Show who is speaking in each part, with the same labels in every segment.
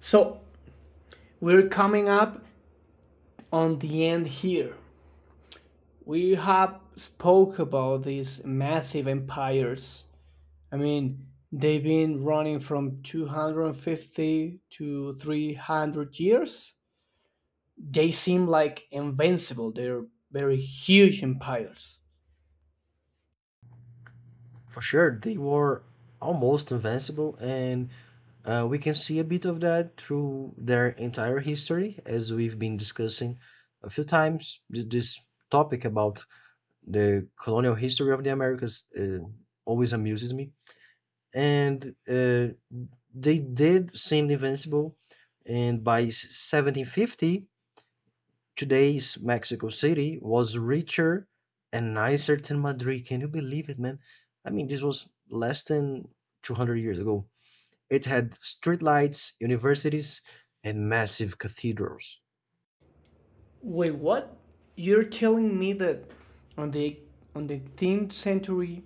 Speaker 1: So we're coming up on the end here. We have spoke about these massive empires. I mean, they've been running from 250 to 300 years. They seem like invincible. They're very huge empires.
Speaker 2: For sure, they were almost invincible, and we can see a bit of that through their entire history, as we've been discussing a few times. This topic about the colonial history of the Americas always amuses me. And they did seem invincible, and by 1750, today's Mexico City was richer and nicer than Madrid. Can you believe it, man? I mean, this was less than 200 years ago. It had streetlights, universities, and massive cathedrals.
Speaker 1: Wait, what? You're telling me that on the on the 10th century,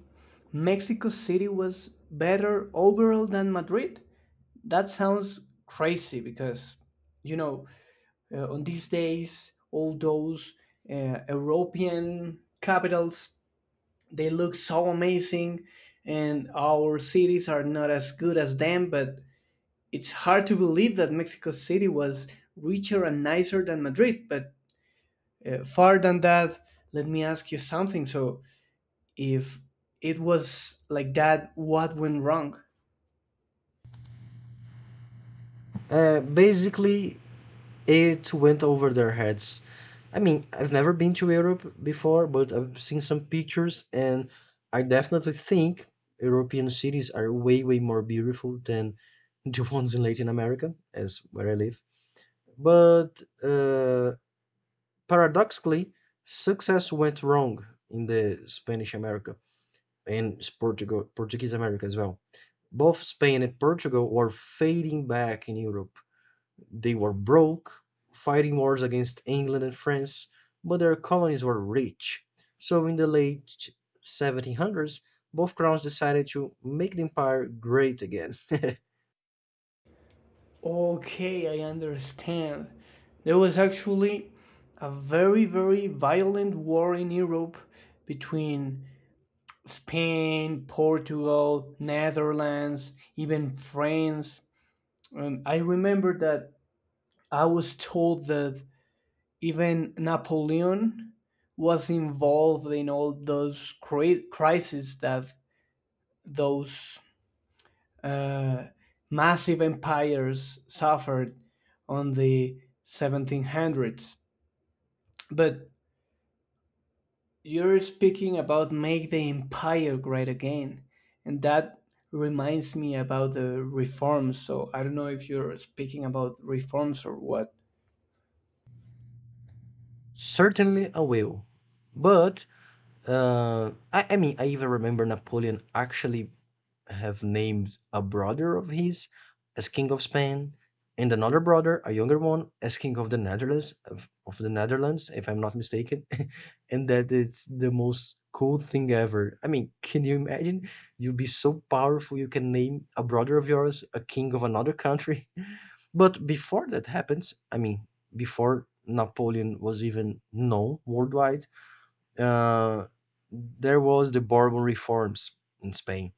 Speaker 1: Mexico City was better overall than Madrid? That sounds crazy because, you know, on these days, all those European capitals, they look so amazing and our cities are not as good as them, but it's hard to believe that Mexico City was richer and nicer than Madrid. But far than that, let me ask you something. So, if it was like that, what went wrong?
Speaker 2: Basically, it went over their heads. I mean, I've never been to Europe before, but I've seen some pictures, and I definitely think European cities are way, way more beautiful than the ones in Latin America, as where I live. But paradoxically, success went wrong in the Spanish America and Portuguese America as well. Both Spain and Portugal were fading back in Europe. They were broke, fighting wars against England and France, but their colonies were rich. So in the late 1700s, both crowns decided to make the empire great again.
Speaker 1: Okay, I understand. There was actually a very, very violent war in Europe between Spain, Portugal, Netherlands, even France. And I remember that I was told that even Napoleon was involved in all those crises that those uh, massive empires suffered on the 1700s. But you're speaking about make the empire great again, and that reminds me about the reforms. So I don't know if you're speaking about reforms or what.
Speaker 2: Certainly a will. But I mean, I even remember Napoleon actually have named a brother of his as king of Spain, and another brother, a younger one, as king of the Netherlands, of the Netherlands, if I'm not mistaken. And that it's the most cool thing ever. I mean, can you imagine? You'd be so powerful you can name a brother of yours a king of another country. But before that happens, I mean, before Napoleon was even known worldwide uh, there was the Bourbon reforms in Spain,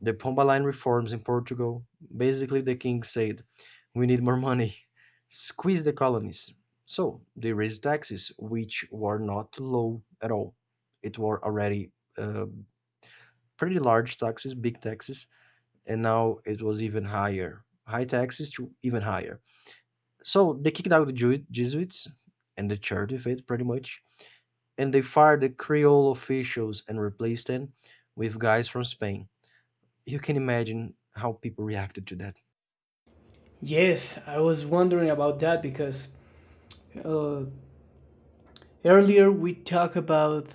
Speaker 2: the Pombaline reforms in Portugal. Basically, the king said, "We need more money, squeeze the colonies." So they raised taxes, which were not low at all. It were already uh, pretty large taxes, big taxes, and now it was even higher, high taxes to even higher. So they kicked out the Jesuits and the church of it, pretty much, and they fired the Creole officials and replaced them with guys from Spain. You can imagine how people reacted to that.
Speaker 1: Yes, I was wondering about that because uh, earlier we talked about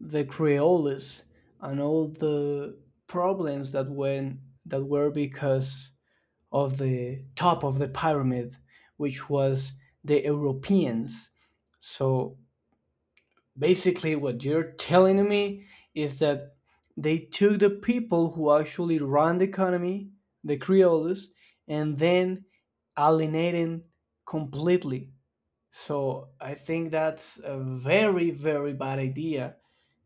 Speaker 1: the Creoles and all the problems that were because of the top of the pyramid, which was the Europeans. So basically, what you're telling me is that they took the people who actually run the economy, the creoles, and then alienating completely. So I think that's a very, very bad idea.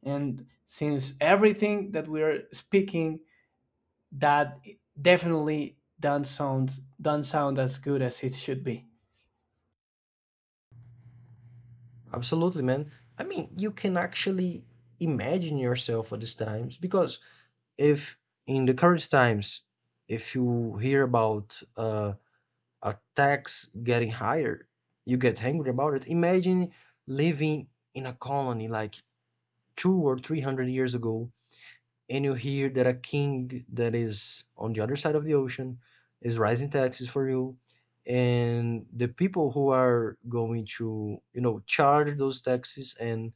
Speaker 1: And since everything that we are speaking that definitely don't sound as good as it should be.
Speaker 2: Absolutely, man. I mean, you can actually imagine yourself at these times because if in the current times, if you hear about uh, a tax getting higher, you get angry about it. Imagine living in a colony like 2 or 3 hundred years ago, and you hear that a king that is on the other side of the ocean is raising taxes for you, and the people who are going to, you know, charge those taxes and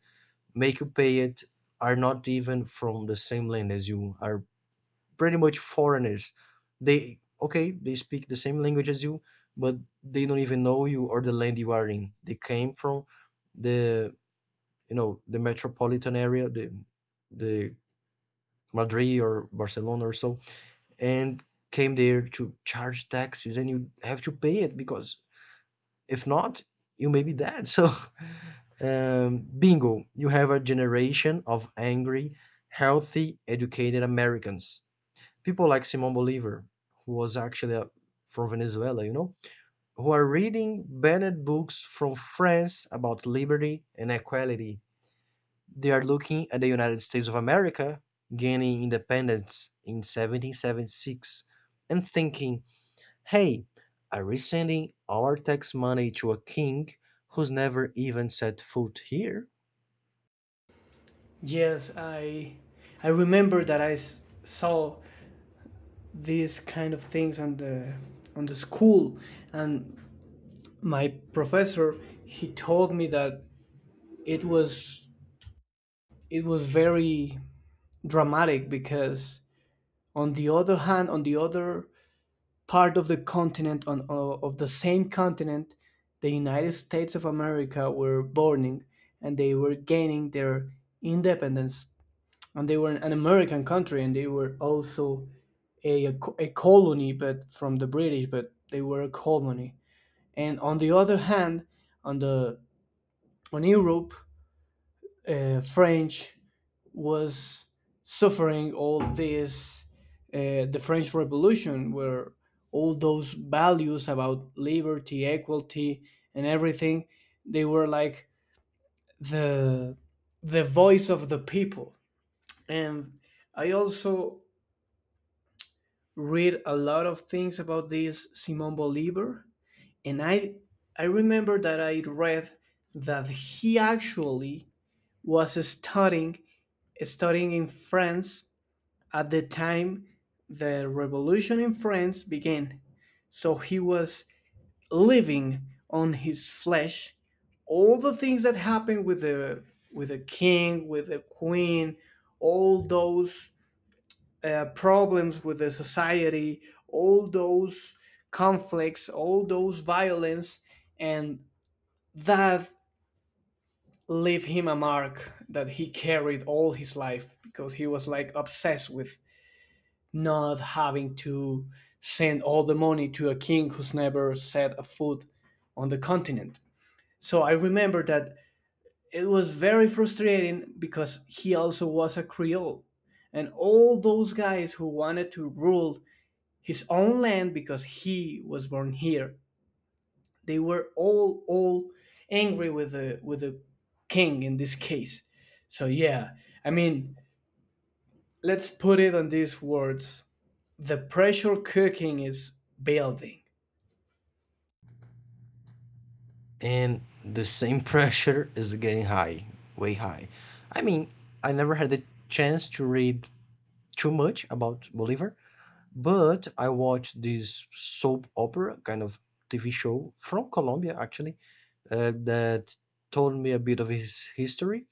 Speaker 2: make you pay it are not even from the same land as you are, pretty much foreigners. They, okay, they speak the same language as you, but they don't even know you or the land you are in. They came from the you know, the metropolitan area, the Madrid or Barcelona or so, and came there to charge taxes, and you have to pay it because if not, you may be dead. So, bingo, you have a generation of angry, healthy, educated Americans, people like Simon Bolivar, who was actually from Venezuela, you know, who are reading banned books from France about liberty and equality. They are looking at the United States of America gaining independence in 1776 and thinking, "Hey, I resending our tax money to a king who's never even set foot here."
Speaker 1: Yes, I remember that I saw these kind of things on the school, and my professor he told me that it was it was very dramatic because on the other part of the continent of the same continent the United States of America were burning and they were gaining their independence and they were an American country and they were also a colony but from the British but they were a colony and on the other hand on the on Europe French was suffering all this the French Revolution, where all those values about liberty, equality, and everything, they were like the the voice of the people. And I also read a lot of things about this Simon Bolivar, and I remember that I read that he actually was studying in France. At the time, the revolution in France began, so he was living on his flesh all the things that happened with the king, with the queen, all those problems with the society, all those conflicts, all those violence, and that left him a mark that he carried all his life because he was like obsessed with not having to send all the money to a king who's never set a foot on the continent. So I remember that it was very frustrating because he also was a Creole. And all those guys who wanted to rule his own land because he was born here, they were all angry with the king in this case. So yeah, I mean, let's put it on these words. The pressure cooking is building.
Speaker 2: And the same pressure is getting high, way high. I mean, I never had the chance to read too much about Bolivar, but I watched this soap opera kind of TV show from Colombia, actually, that told me a bit of his history.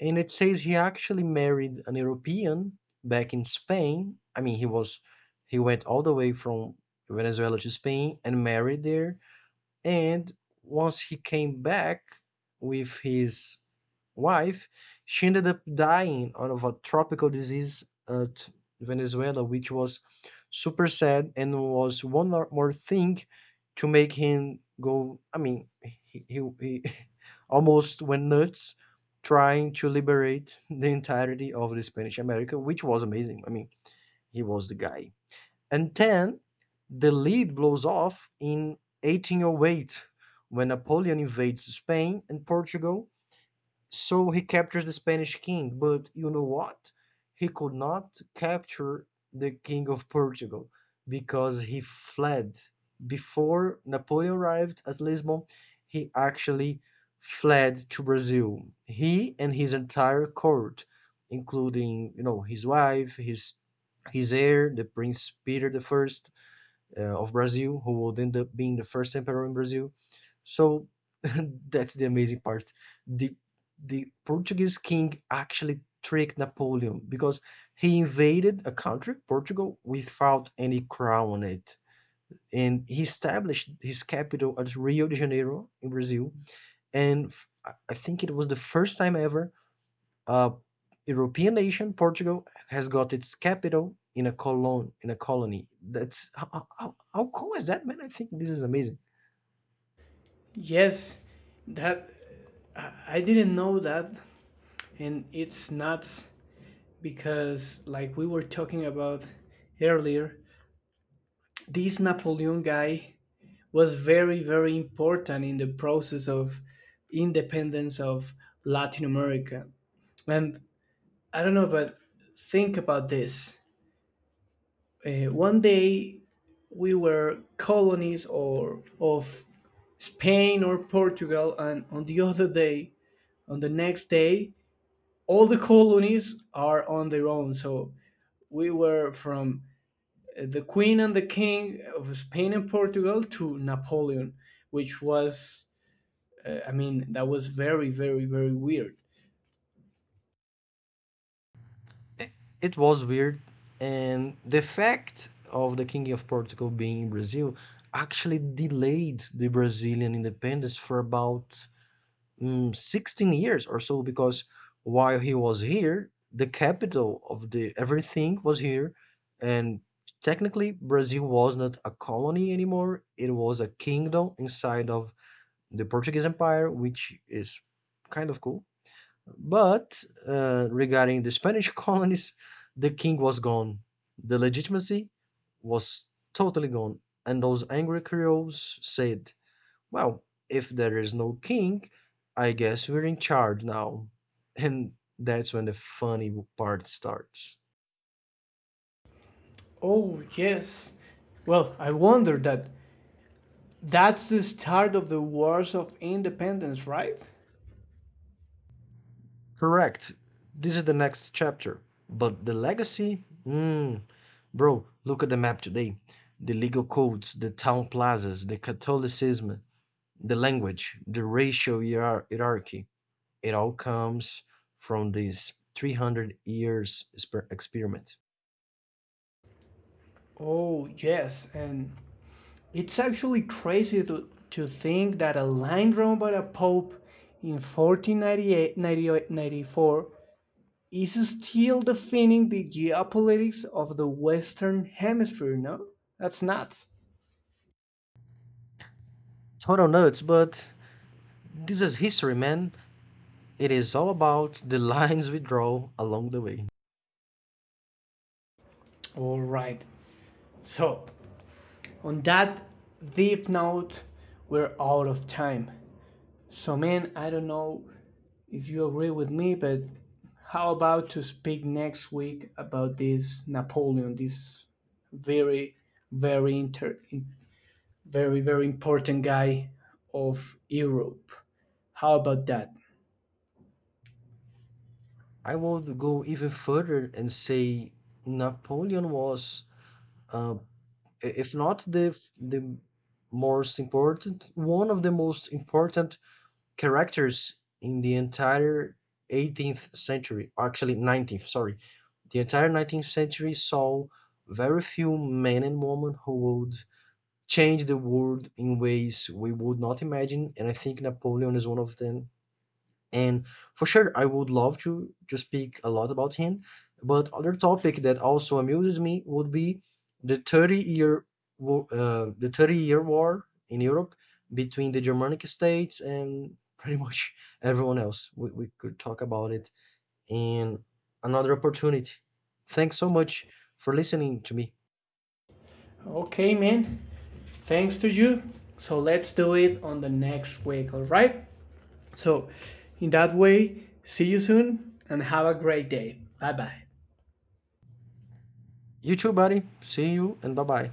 Speaker 2: And it says he actually married an European back in Spain. I mean, he went all the way from Venezuela to Spain and married there. And once he came back with his wife, she ended up dying of a tropical disease at Venezuela, which was super sad and was one more thing to make him go. I mean, he almost went nuts trying to liberate the entirety of the Spanish America, which was amazing. I mean, he was the guy. And 10, the lead blows off in 1808 when Napoleon invades Spain and Portugal, so he captures the Spanish king, but you know what? He could not capture the king of Portugal because he fled. Before Napoleon arrived at Lisbon, he actually fled to Brazil. He and his entire court, including, you know, his wife, his heir, the Prince Peter the First of Brazil, who would end up being the first emperor in Brazil. So that's the amazing part. The the Portuguese king actually tricked Napoleon because he invaded a country, Portugal, without any crown on it. And he established his capital at Rio de Janeiro in Brazil. And I think it was the first time ever a European nation, Portugal, has got its capital in a colony. That's how, how cool is that, man? I think this is amazing.
Speaker 1: Yes, that I didn't know that, and it's nuts because, like we were talking about earlier, this Napoleon guy was very, very important in the process of independence of Latin America. And I don't know, but think about this. One day we were colonies or of Spain or Portugal, and on the next day all the colonies are on their own. So we were from the queen and the king of Spain and Portugal to Napoleon, which was that was very, very, very weird.
Speaker 2: It, it was weird, and the fact of the King of Portugal being in Brazil actually delayed the Brazilian independence for about 16 years or so because while he was here, the capital of the everything was here, and technically Brazil was not a colony anymore. It was a kingdom inside of the Portuguese Empire, which is kind of cool. But regarding the Spanish colonies, the king was gone. The legitimacy was totally gone, and those angry Creoles said, "Well, if there is no king, I guess we're in charge now." And that's when the funny part starts.
Speaker 1: Oh yes. Well, I wonder that that's the start of the wars of independence, right?
Speaker 2: Correct. This is the next chapter. But the legacy? Mm, bro, look at the map today. The legal codes, the town plazas, the Catholicism, the language, the racial hierarchy. It all comes from this 300 years experiment.
Speaker 1: Oh yes. And it's actually crazy to think that a line drawn by the Pope in 1494 is still defining the geopolitics of the Western Hemisphere, no? That's nuts.
Speaker 2: Total nuts, but this is history, man. It is all about the lines we draw along the way.
Speaker 1: All right. So, on that deep note, we're out of time. So, man, I don't know if you agree with me, but how about to speak next week about this Napoleon, this very, very inter- very, very important guy of Europe. How about that?
Speaker 2: I would go even further and say Napoleon was, uh, if not the most important, one of the most important characters in the entire 18th century, actually 19th, sorry. The entire 19th century saw very few men and women who would changed the world in ways we would not imagine, and I think Napoleon is one of them. And for sure, I would love to speak a lot about him. But other topic that also amuses me would be the 30 year the 30 year war in Europe between the Germanic states and pretty much everyone else. We could talk about it in another opportunity. Thanks so much for listening to me.
Speaker 1: Okay, man. Thanks to you. So let's do it on the next week, all right? So, in that way, see you soon and have a great day. Bye bye.
Speaker 2: You too, buddy. See you and bye bye.